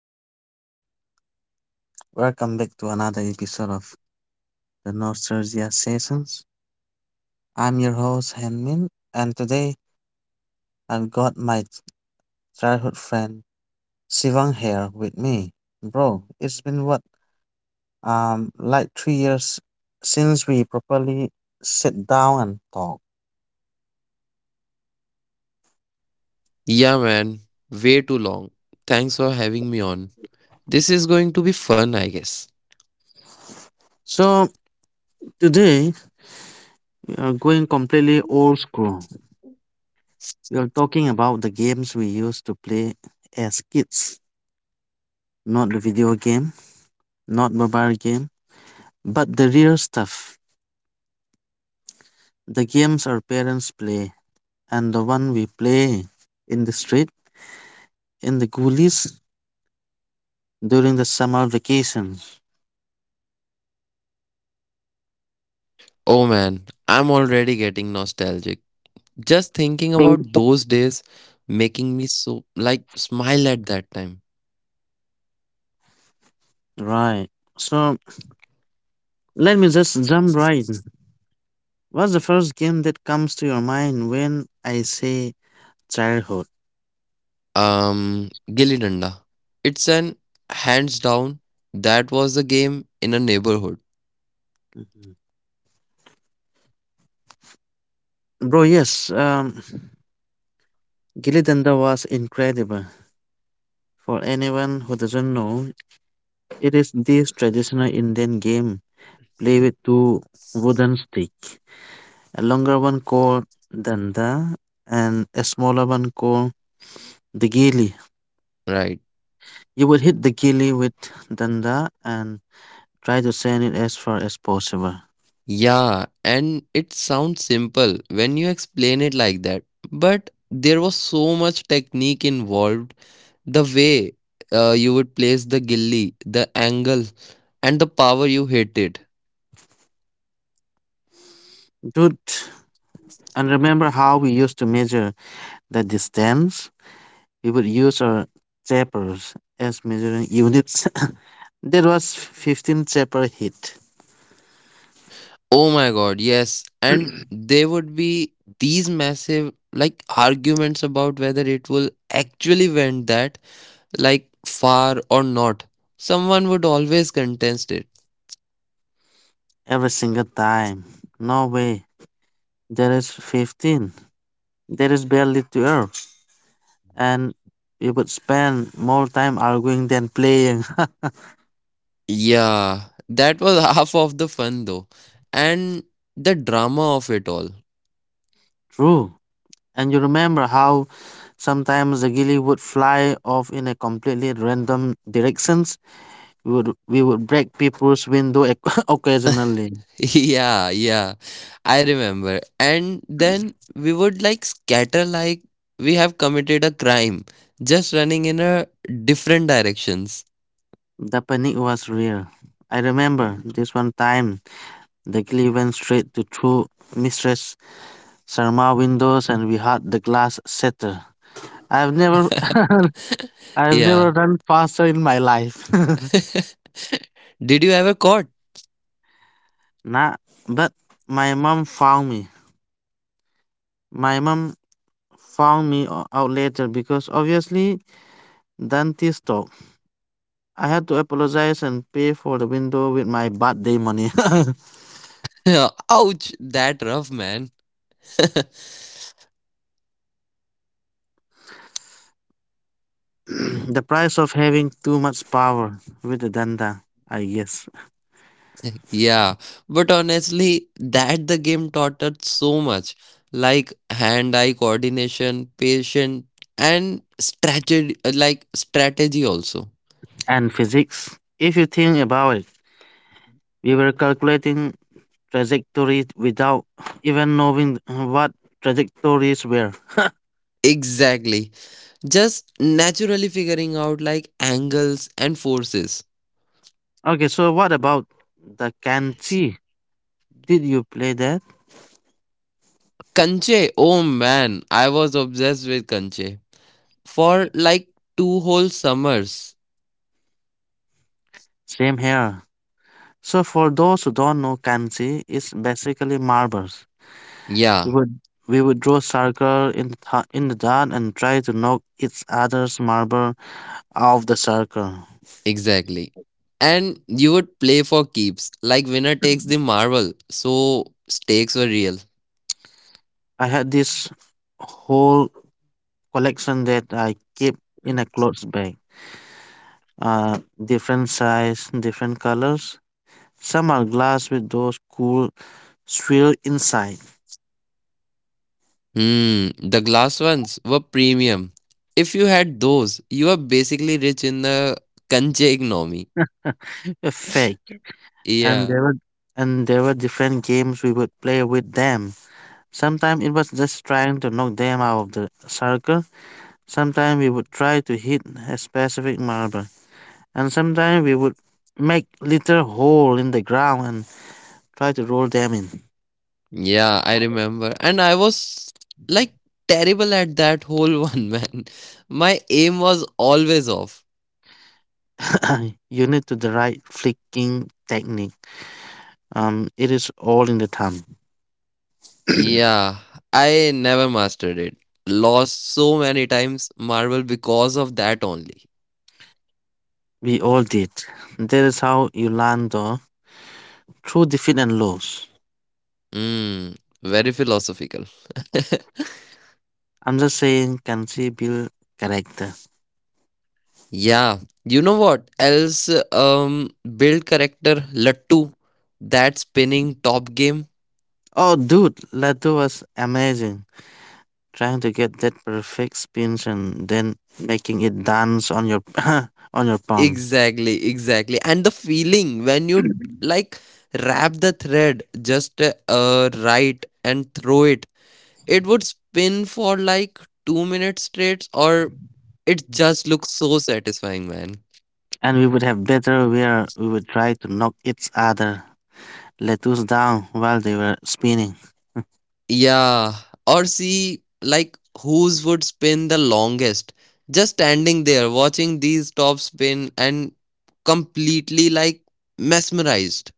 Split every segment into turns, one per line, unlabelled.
everyone? Welcome back to another episode of the Nostalgia Sessions. I'm your host, Hanmin, and today I've got my childhood friend Sivang here with me. Bro, it's been what, like 3 years since we properly sit down and talk.
Yeah, man, way too long. Thanks for having me on. This is going to be fun, I guess.
So today we are going completely old school. We are talking about the games we used to play as kids, not the video game, not mobile game, but the real stuff, the games our parents play, and the one we play in the street, in the gullies, during the summer vacations.
Oh man, I'm already getting nostalgic. Just thinking
Think-
about those days making me so like smile at that time.
Right. So let me just jump in. What's the first game that comes to your mind when I say childhood?
Gilli Danda. It's an hands down that was the game in a neighborhood,
Mhm. Bro, yes. Gilly Danda was incredible. For anyone who doesn't know, it is this traditional Indian game played with two wooden sticks, a longer one called danda and a smaller one called the gilli.
right?
You would hit the gilli with danda and try to send it as far as possible.
Yeah, and it sounds simple when you explain it like that, but there was so much technique involved. The way you would place the gilly, the angle, and the power you hit it.
Dude, and remember how we used to measure the distance? We would use our chapers as measuring units. That was 15 chaper hit
Oh my god, yes. And there would be these massive like arguments about whether it will actually went that like far or not. Someone would always contest it.
every single time. No way. That is 15. That is barely 12, and you would spend more time arguing than playing.
Yeah, that was half of the fun though. And the drama of it all.
True. And you remember how sometimes the gilly would fly off in a completely random directions. We would break people's window occasionally.
Yeah, yeah. I remember. And then we would like scatter like we have committed a crime, just running in a different directions.
The panic was real. I remember this one time the gilly went straight to two Mistress Sharma windows and we had the glass shatter. I've never I've
Yeah.
never run faster in my life.
Did you ever caught?
Nah, but my mom found me. My mom out later because obviously dentist talk. I had to apologize and pay for the window with my birthday money.
Ouch, that rough man.
The price of having too much power with the dentist, I guess.
Yeah, but honestly, that the game taught us so much, like hand-eye coordination, patience, and strategy, like strategy also.
And physics. If you think about it, we were calculating trajectories without even knowing what trajectories were.
Exactly. Just naturally figuring out like angles and forces.
Okay, so what about the kanji? Did you play that?
Kanche, oh man, I was obsessed with Kanche for like 2 whole summers.
Same here. So for those who don't know kanji, is basically marbles. We
Yeah,
would we would draw circle in the in the dirt and try to knock each other's marble out of the circle.
exactly. And you would play for keeps, like winner takes the marble, so stakes were real.
I had this whole collection that I keep in a clothes bag. Uh, different size, different colors. Some are glass with those cool swirl inside,
Hmm, the glass ones were premium. If you had those, you were basically rich in the Kanche economy.
a fake, and
Yeah.
there were and there were different games we would play with them. Sometimes it was just trying to knock them out of the circle, sometimes we would try to hit a specific marble, and sometimes we would make little hole in the ground and try to roll them
Yeah, I remember. And I was like terrible at that whole one, man. My aim was always off.
in. You need to the right flicking technique. It is all in the thumb.
Yeah, I never mastered it. Lost so many times Marvel because of that only.
We all did. That is how you learn though, through defeat and loss.
Mm, very philosophical.
I'm just saying, can she build character?
Yeah, you know what else? Build character Lattu, that spinning top game.
Oh, dude, Latu was amazing. Trying to get that perfect spin and then making it dance on your on your palm.
Exactly, exactly. And the feeling when you like wrap the thread just right and throw it, it would spin for like 2 minutes straight, or it just looks so satisfying, man.
And we would have better where we would try to knock each other lettuce down while they were spinning.
Yeah, or see like whose would spin the longest. Just standing there watching these top spin and completely like mesmerized.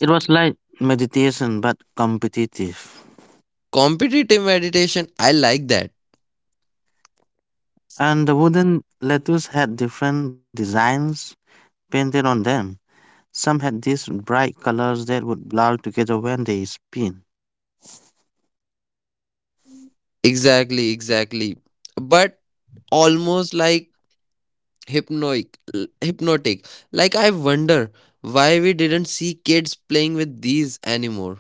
It was like meditation but competitive.
Competitive meditation, I like that.
And the wooden lettuce had different designs painted on them. Some had these bright colors that would blur together when they spin.
Exactly, exactly. But almost like hypnotic, hypnotic. Like I wonder why we didn't see kids playing with these anymore.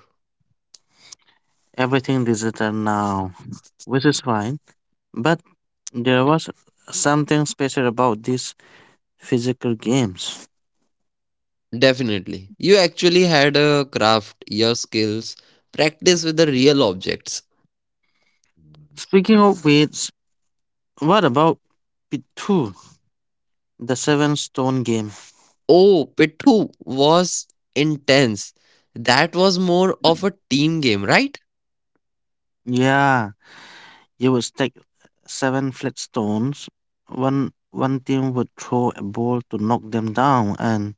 Everything digital now, which is fine. But there was something special about these physical games.
Definitely. You actually had a craft, your skills, practice with the real objects.
Speaking of which, what about Pitu, the seven stone game?
Oh, Pittu was intense. That was more of a team game, right?
Yeah, you would stack seven flat stones. One team would throw a ball to knock them down, and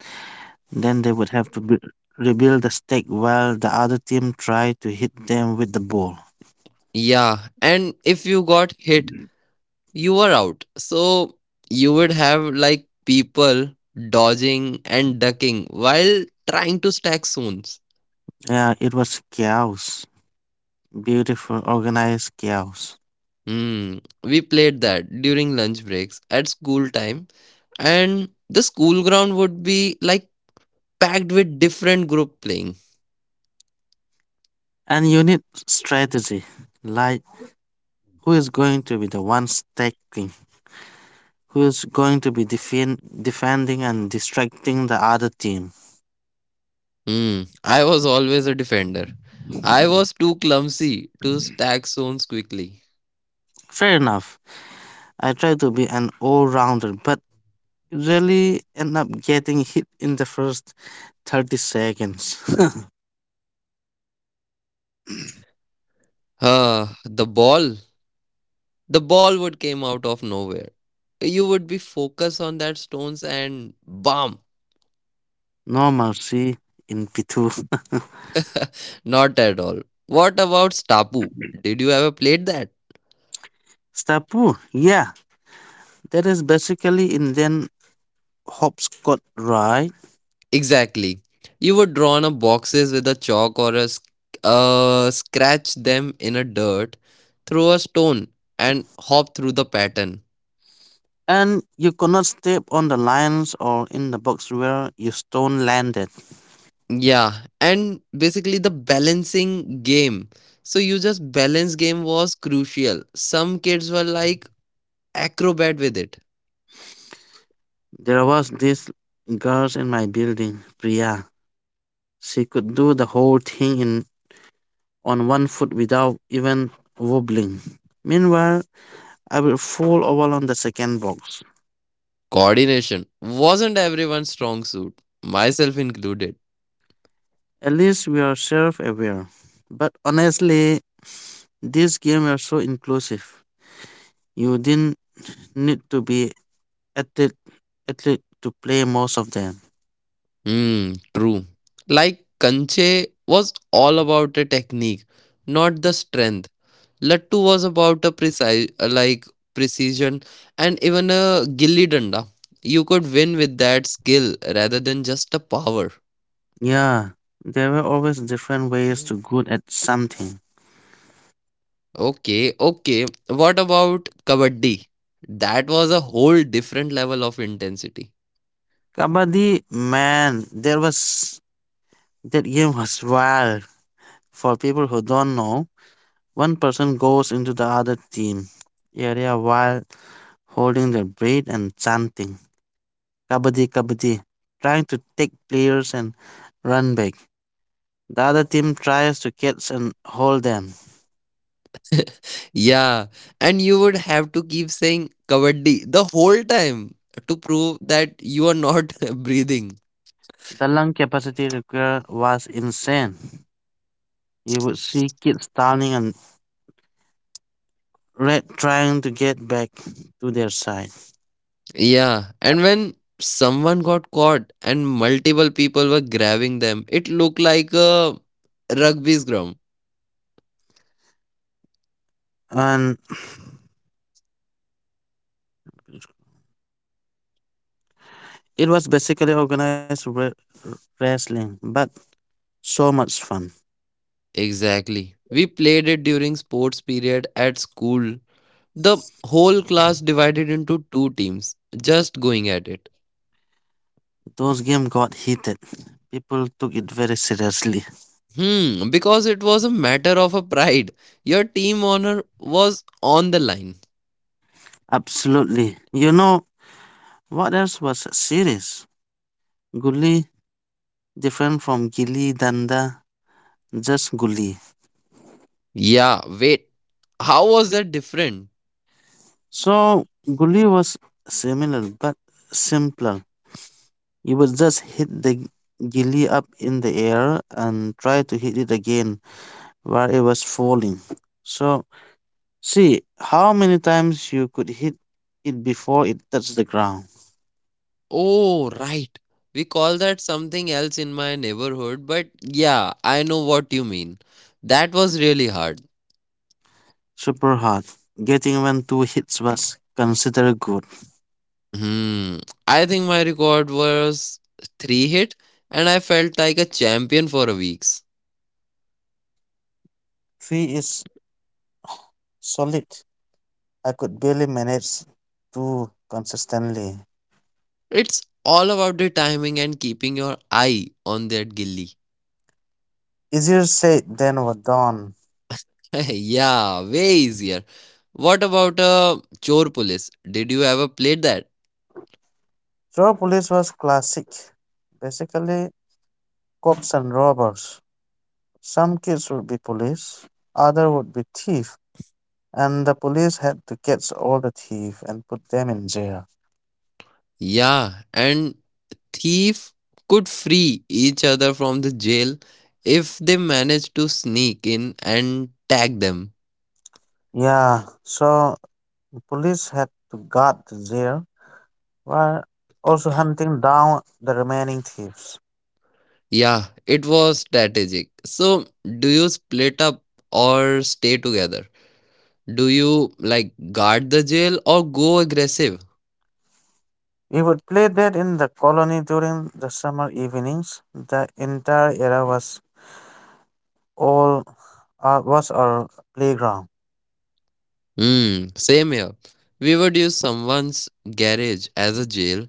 then they would have to bu rebuild the stack while the other team tried to hit them with the ball.
Yeah, and if you got hit, you were out. So you would have like people dodging and ducking while trying to stack stones.
Yeah, it was chaos. Beautiful, organized chaos.
Hmm. We played that during lunch breaks at school time, and the school ground would be like packed with different group playing.
And you need strategy, like who is going to be the one stacking, who is going to be defending and distracting the other team.
Hmm. I was always a defender. I was too clumsy to stack stones quickly.
Fair enough. I try to be an all-rounder, but really end up getting hit in the first 30 seconds.
Ah, the ball would came out of nowhere, you would be focused on that stones and bam.
No mercy in Pitu.
Not at all. What about stapu, did you ever played that?
Stapu, yeah, that is basically Indian hopscotch, right?
Exactly, you would draw on a boxes with a chalk or a scratch them in a dirt, throw a stone and hop through the pattern.
And you cannot step on the lines or in the box where your stone landed.
Yeah, and basically the balancing game, so you just balance game was crucial. Some kids were like acrobat with it.
There was this girl in my building, Priya. She could do the whole thing in on one foot without even wobbling. Meanwhile, I will fall over on the second box.
Coordination wasn't everyone's strong suit, myself included.
At least we are self aware. But honestly, this game was so inclusive. You didn't need to be athlete athlete to play most of them.
Hmm, true. Like Kanche was all about a technique, not the strength. Lattu was about a precise, like precision, and even a gilli danda. You could win with that skill rather than just a power.
Yeah, there were always different ways to good at something.
Okay, okay. What about Kabaddi? That was a whole different level of intensity.
Kabaddi, man, there was that game was wild. For people who don't know, one person goes into the other team area while holding their breath and chanting "Kabaddi, Kabaddi," trying to take players and run back. The other team tries to catch and hold them.
Yeah, and you would have to keep saying Kabaddi the whole time to prove that you are not breathing.
The lung capacity required was insane. You would see kids drowning and red trying to get back to their side.
Yeah, and when someone got caught and multiple people were grabbing them, it looked like a rugby scrum.
And it was basically organized wrestling, but so much fun.
Exactly. We played it during sports period at school. The whole class divided into two teams, just going at it.
Those game got heated. People took it very seriously.
Hmm, because it was a matter of a pride. Your team honor was on the line.
Absolutely. You know what else was serious? Gully, different from Gilly Danda, just Gully.
Yeah, wait. How was that different?
So Gully was similar but simpler. You would just hit the gilly up in the air and try to hit it again where it was falling. So see how many times you could hit it before it touched the ground.
Oh, right. We call that something else in my neighborhood, but yeah, I know what you mean. That was really hard.
Super hot. Getting even two hits was considered good.
Hmm, I think my record was 3 hit and I felt like a champion for a weeks.
Three is solid. I could barely manage two consistently.
It's all about the timing and keeping your eye on that gilly.
Easier said than done.
Yeah, way easier. What about Chor Police? Did you ever play that?
Draw police was classic. Basically, cops and robbers. Some kids would be police, other would be thief, and the police had to catch all the thief and put them in jail.
Yeah, and thief could free each other from the jail if they managed to sneak in and tag them.
Yeah, so the police had to guard the jail while also hunting down the remaining thieves.
Yeah, it was strategic. So, do you split up or stay together? Do you like guard the jail or go aggressive?
We would play that in the colony during the summer evenings. The entire area was all was our playground,
Hmm, same here. We would use someone's garage as a jail,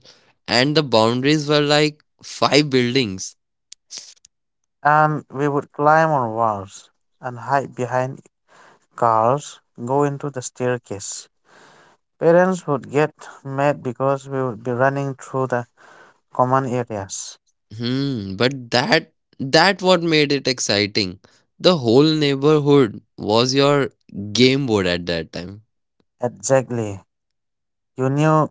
and the boundaries were like five buildings.
and we would climb on walls and hide behind cars, go into the staircase. Parents would get mad because we would be running through the common areas.
Hmm, but that what made it exciting. The whole neighborhood was your game board at that time.
Exactly. You knew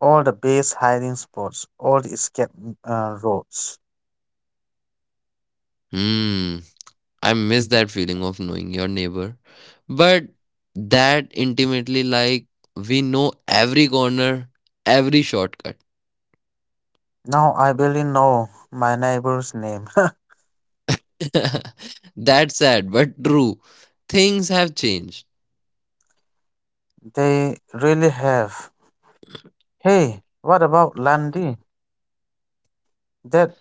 all the base hiding spots, all the escape roads.
Hmm, I miss that feeling of knowing your neighbor. But that intimately, like we know every corner, every shortcut.
Now I barely know my neighbor's name.
That's sad, but true. Things have changed.
They really have. Hey, what about Landy? That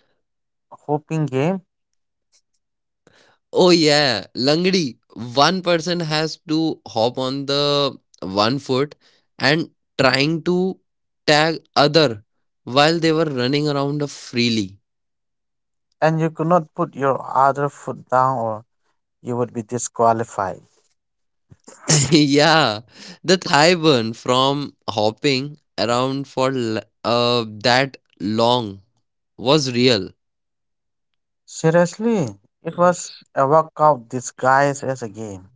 hooping game?
Oh yeah, Langdi. One person has to hop on the 1 foot and trying to tag other while they were running around freely.
And you could not put your other foot down or you would be disqualified.
Yeah, the thigh burn from hopping around for that long was real.
Seriously, it was a workout disguised as a game.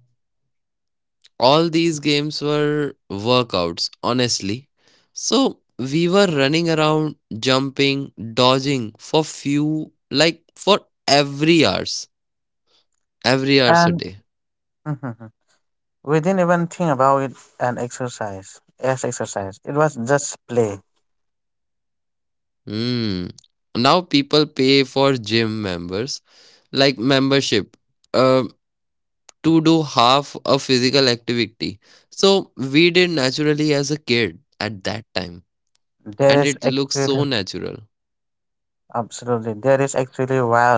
All these games were workouts, honestly. So we were running around, jumping, dodging for few, like for every hours, every hours a
And
day.
we didn't even think about it an exercise as exercise. It was just play.
Hmm. Now people pay for gym members, like membership, uh, to do half a physical activity. So we did naturally as a kid at that time,
That
and
is
it looks so
actually
natural.
Absolutely, that is actually wild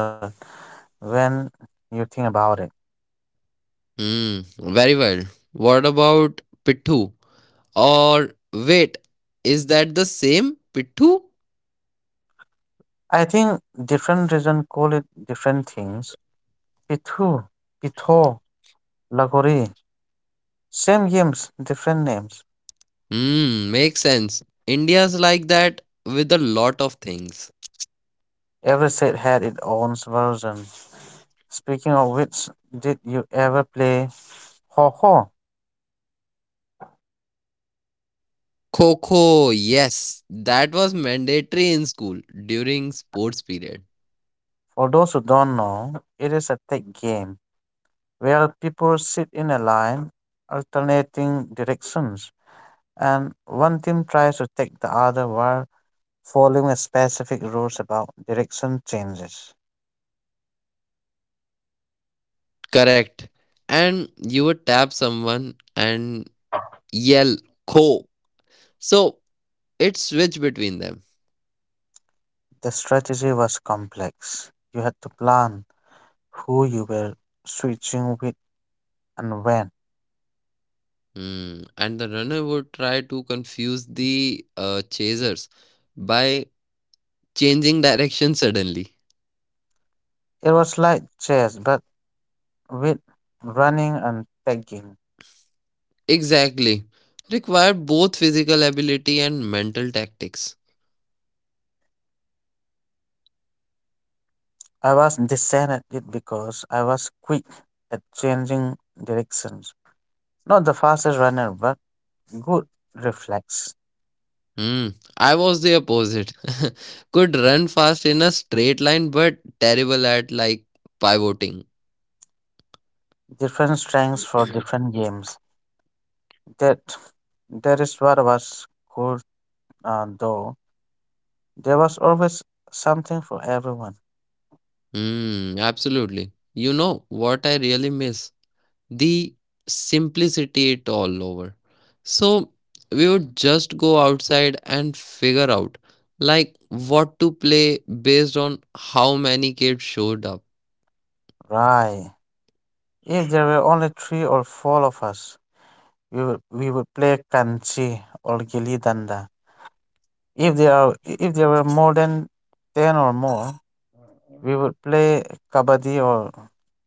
when you think about it.
Mm, very well. What about Pittu? Or wait, is that the same Pittu?
I think different region call it different things. Pithu, Pitho, Lagori. Same games, different names.
Hmm, makes sense. India's like that with a lot of things.
Every set had its own version. Speaking of which, did you ever play Ho Ho?
Kho, yes, that was mandatory in school during sports period.
For those who don't know, it is a tag game where people sit in a line, alternating directions, and one team tries to take the other while following a specific rules about direction changes.
Correct. And you would tap someone and yell Kho. So it switched between them.
The strategy was complex. You had to plan who you were switching with and when.
Mm. And the runner would try to confuse the chasers by changing direction suddenly.
It was like chess, but with running and tagging.
Exactly. Required both physical ability and mental tactics.
I was decent at it because I was quick at changing directions. Not the fastest runner, but good reflex.
Hmm. I was the opposite. Could run fast in a straight line, but terrible at like pivoting.
Different strengths for different games. That that is what was cool, though. There was always something for everyone.
Hmm. Absolutely. You know what I really miss? The simplicity it all over. So we would just go outside and figure out like what to play based on how many kids showed up.
Right. If there were only three or four of us, we would play kanchi or gilli danda. If there were more than 10 or more, we would play kabaddi or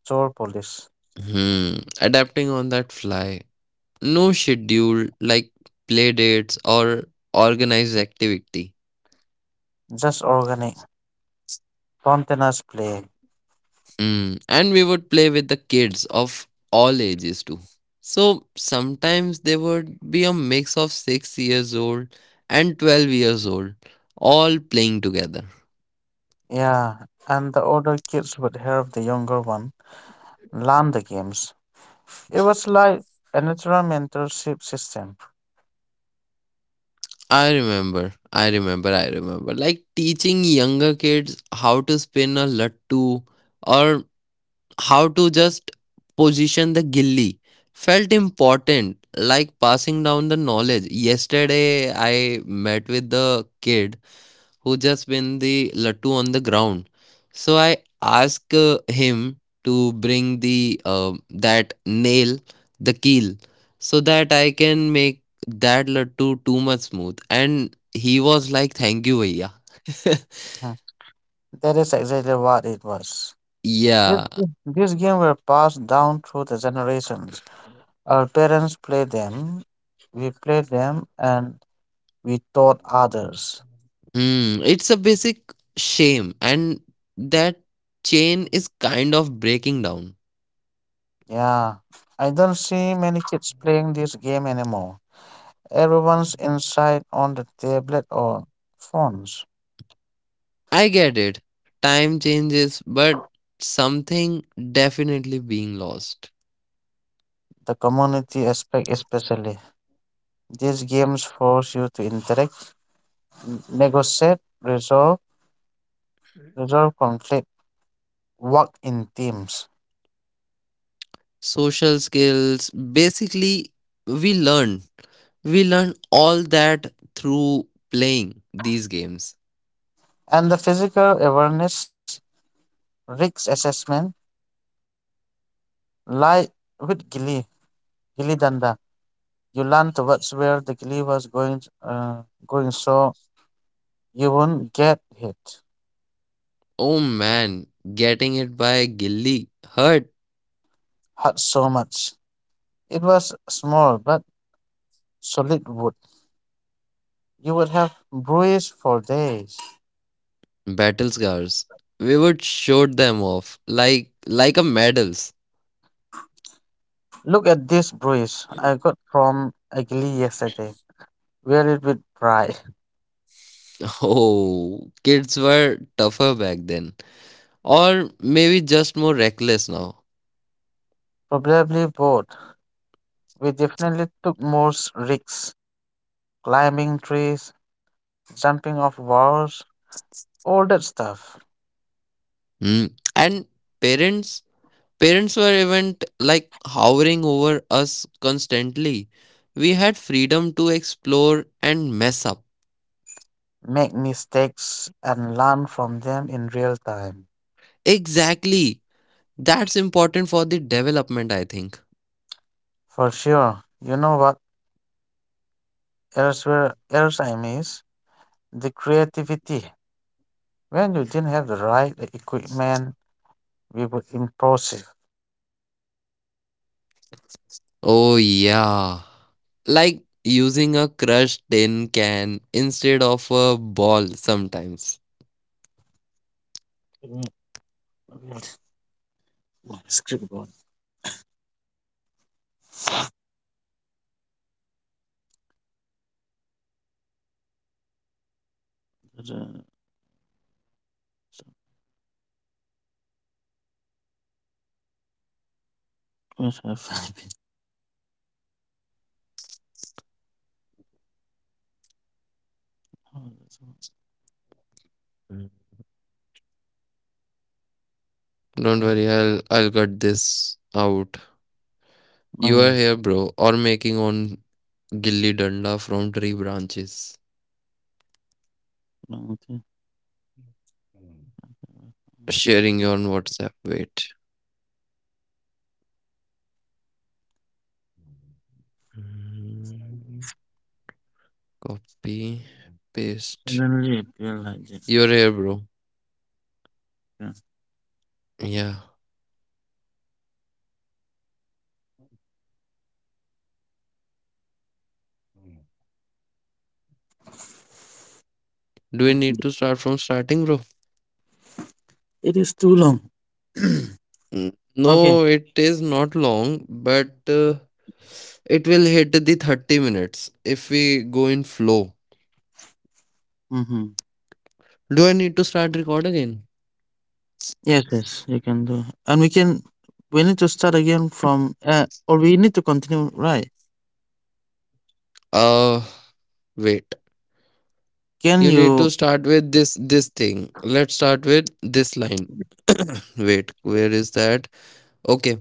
chor police.
Hmm, adapting on that fly. No schedule like play dates or organized activity.
Just organic, spontaneous play.
Mm, and we would play with the kids of all ages too. So sometimes there would be a mix of 6 years old and 12 years old, all playing together.
Yeah, and the older kids would help the younger one learn the games. It was like a natural mentorship system.
I remember. Like teaching younger kids how to spin a lattu or how to just position the gilli felt important, like passing down the knowledge. Yesterday, I met with the kid who just win the lattu on the ground. So I ask him to bring the that nail, the keel, so that I can make that lattu too much smooth. And he was like, "Thank you, bhaiya."
Mhm. That is exactly what it was. This,
Yeah.
this game were passed down through the generations. Our parents play them, we play them, and we taught others.
Hmm, it's a basic shame, and that chain is kind of breaking down.
Yeah, I don't see many kids playing this game anymore. Everyone's inside on the tablet or phones.
I get it. Time changes, but something definitely being lost.
The community aspect, especially. These games force you to interact, negotiate, resolve conflict, work in teams.
Social skills. Basically, we learn. We learn all that through playing these games.
And the physical awareness, risk assessment, lie with Gilly Danda. You land towards where the glee was going so you wouldn't get hit,
Oh man, getting it by Gilly hurt.
hurt so much. It was small but solid wood. You would have bruises for days.
Battle scars. We would show them off like a medals.
Look at this bruise I got from a glee yesterday. Wear it with pride.
Oh, kids were tougher back then, or maybe just more reckless now.
Probably bored. We definitely took more risks, climbing trees, jumping off walls, all that stuff.
Hmm. And parents Parents were even like hovering over us constantly. We had freedom to explore and mess up.
Make mistakes and learn from them in real time.
Exactly. That's important for the development, I think.
For sure. You know what else where else I miss? The creativity. When you didn't have the right equipment, we were impulsive.
Oh, yeah. Like using a crushed tin can instead of a ball sometimes.
Wait, wait, where's my script gone? Uh, where's my Oh, that's
Don't worry, I'll cut this out.
all.
You are
Okay.
here, bro, or making on gilli danda from tree branches.
long thing.
Sharing on WhatsApp. Wait. Mm, copy, paste.
Suddenly it feel like this.
You're here, bro.
Yeah.
Yeah. Do we need to start from starting, bro?
It is too long.
Mm,
Okay.
no, it is not long, but it will hit the 30 minutes if we go in flow.
Mm-hmm.
Do I need to start record again?
Yes, yes, you can do. And we can. We need to start again or we need to continue. Right?
Uh, Wait.
Can
You need to
you?
start with this thing. Let's start with this line. Wait, where is that? Okay.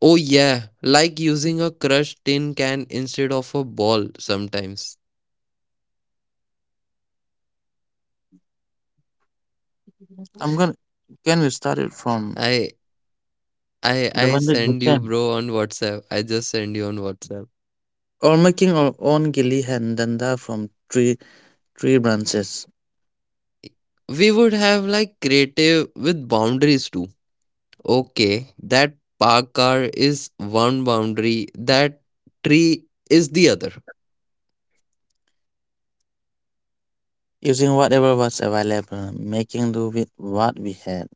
Oh, yeah, like using a crushed tin can instead of a ball sometimes.
I'm gonna. Can we start it from
I I
the
I
one with
send you
Bachchan.
bro on WhatsApp. I just send you on WhatsApp.
Or making our own gili and danda from tree branches,
We would have like creative with boundaries too. Okay, that park car is one boundary, that tree is the other.
using whatever was available, making do with what we had.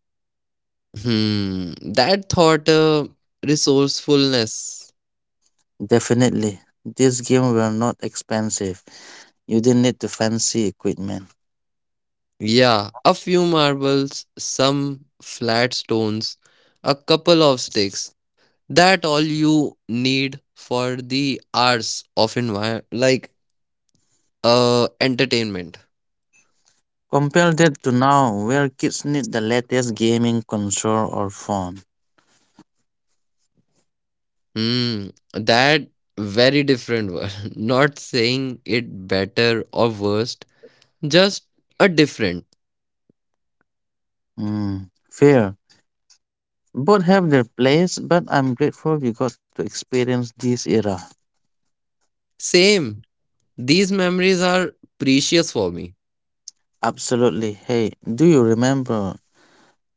Hmm, that thought resourcefulness.
Definitely, these games were not expensive. You didn't need the fancy equipment.
Yeah, a few marbles, some flat stones, a couple of sticks. That all you need for the hours of entertainment.
Compare that to now, where kids need the latest gaming console or phone.
Hmm, that very different word. Not saying it better or worst, just a different.
Hmm, fair. Both have their place, but I'm grateful we got to experience this era.
Same, these memories are precious for me.
Absolutely. Hey, do you remember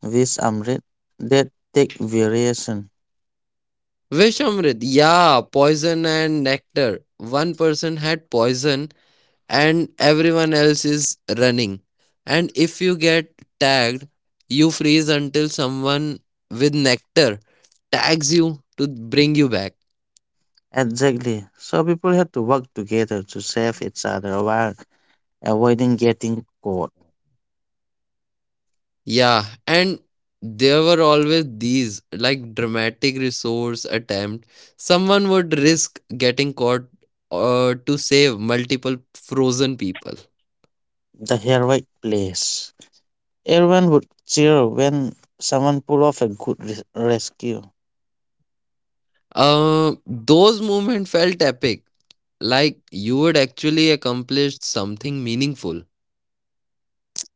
this amrit that take variation.
Vishamrit, yeah, poison and nectar. One person had poison and everyone else is running. And if you get tagged, you freeze until someone with nectar tags you to bring you back.
Exactly. So people had to work together to save each other while avoiding getting caught.
Yeah, and there were always these like dramatic resource attempt. Someone would risk getting caught to save multiple frozen people.
The heroic place. Everyone would cheer when someone pulled off a good rescue.
Those moments felt epic, like you would actually accomplish something meaningful.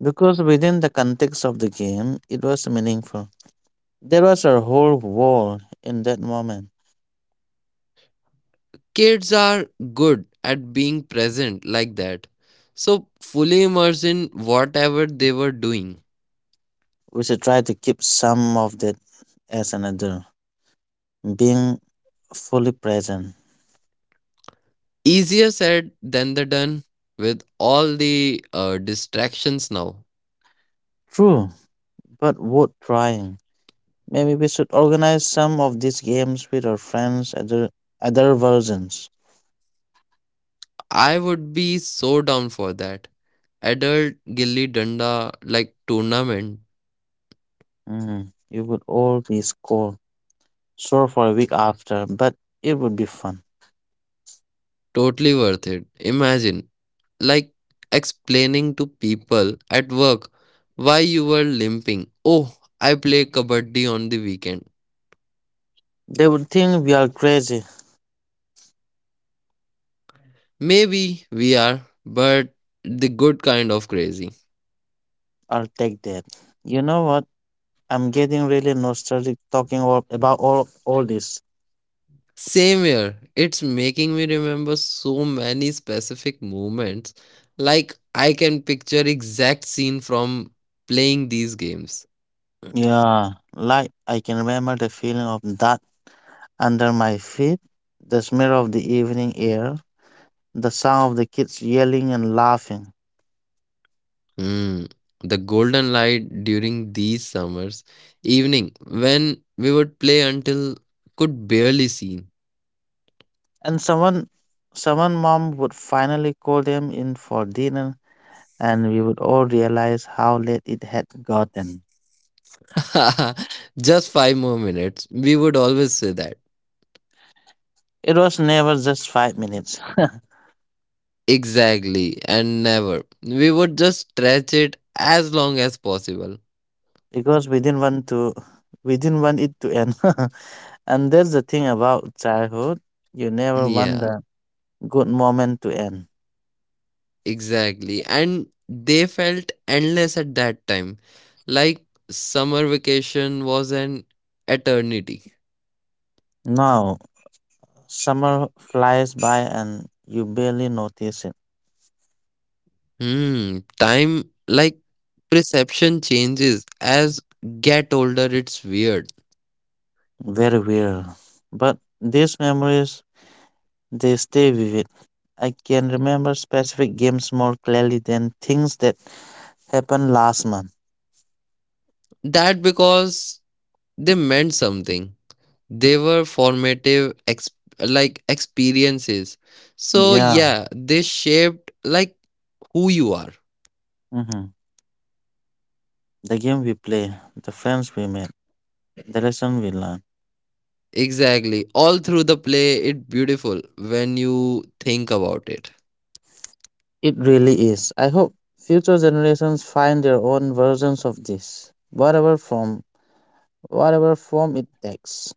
Because within the context of the game, it was meaningful. There was a whole world in that moment.
Kids are good at being present like that. So fully immersed in whatever they were doing.
We should try to keep some of that as an adult, being fully present.
Easier said than the done with all the distractions now.
True, but worth trying. Maybe we should organize some of these games with our friends. Other versions.
I would be so down for that. Adult Gilli Danda like tournament,
Mm, it would all be score sore for a week after, but it would be fun.
totally worth it. Imagine like explaining to people at work why you were limping. Oh, I play kabaddi on the weekend.
They would think we are crazy.
Maybe we are, but the good kind of crazy.
I'll take that. You know what? I'm getting really nostalgic talking about all this.
Same here. It's making me remember so many specific moments. Like I can picture exact scene from playing these games.
Yeah, like I can remember the feeling of that under my feet, the smell of the evening air, the sound of the kids yelling and laughing.
Hmm. The golden light during these summers evening when we would play until could barely see.
And someone mom would finally call them in for dinner and we would all realize how late it had gotten.
Just 5 more minutes. We would always say that.
It was never just 5 minutes
Exactly, and never. We would just stretch it as long as possible.
because we didn't want it to end. And that's the thing about childhood. You never want
Yeah,
the good moment to end.
exactly. And they felt endless at that time. Like summer vacation was an eternity.
Now summer flies by and you barely notice it.
Hmm, time like perception changes as get older, it's weird.
Very weird. But these memories. They stay vivid. I can remember specific games more clearly than things that happened last month.
That because they meant something. They were formative ex- like experiences, so
Yeah.
yeah, they shaped like who you are,
hmm The game we play, the friends we made, the lesson we learn.
exactly, all through the play. It's beautiful when you think about it.
It really is. I hope future generations find their own versions of this, whatever form it takes.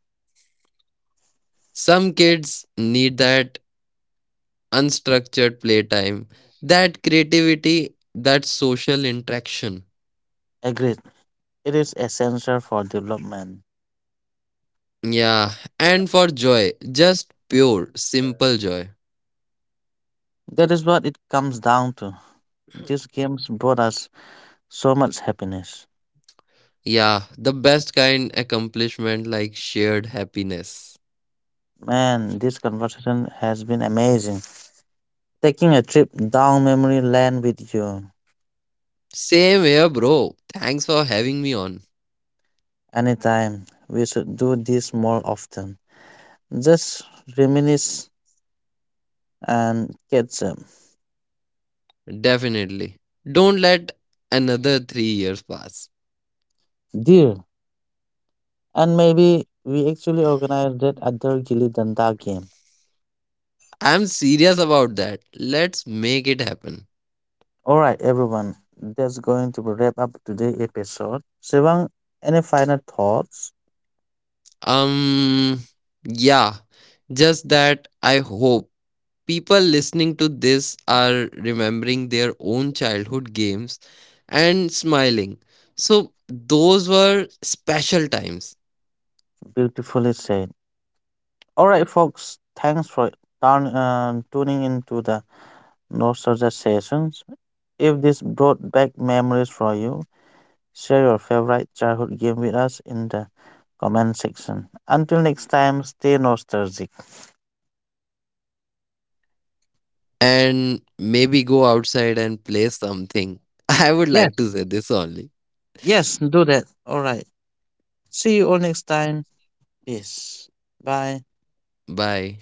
Some kids need that unstructured playtime, that creativity, that social interaction.
Agreed. It is essential for development.
Yeah, and for joy, just pure simple joy.
That is what it comes down to. These games brought us so much happiness.
Yeah, the best kind accomplishment like shared happiness.
Man, this conversation has been amazing. Taking a trip down memory lane with you.
Same here, bro. Thanks for having me on.
Anytime. We should do this more often. Just reminisce and catch up.
Definitely. Don't let another 3 years pass.
Deal. And maybe we actually organize that other Gilly Danda game.
I'm serious about that. Let's make it happen.
Alright, everyone. That's going to wrap up today's episode. Sivang, any final thoughts?
Um, yeah, just that I hope people listening to this are remembering their own childhood games and smiling. So, those were special times.
Beautifully said. Alright, folks. Thanks for tuning into the Nostalgia Sessions. If this brought back memories for you, share your favorite childhood game with us in the comment section. Until next time, stay nostalgic.
And maybe go outside and play something. I would like
Yes,
to say this only.
yes, do that. All right. See you all next time. Peace. Bye.
Bye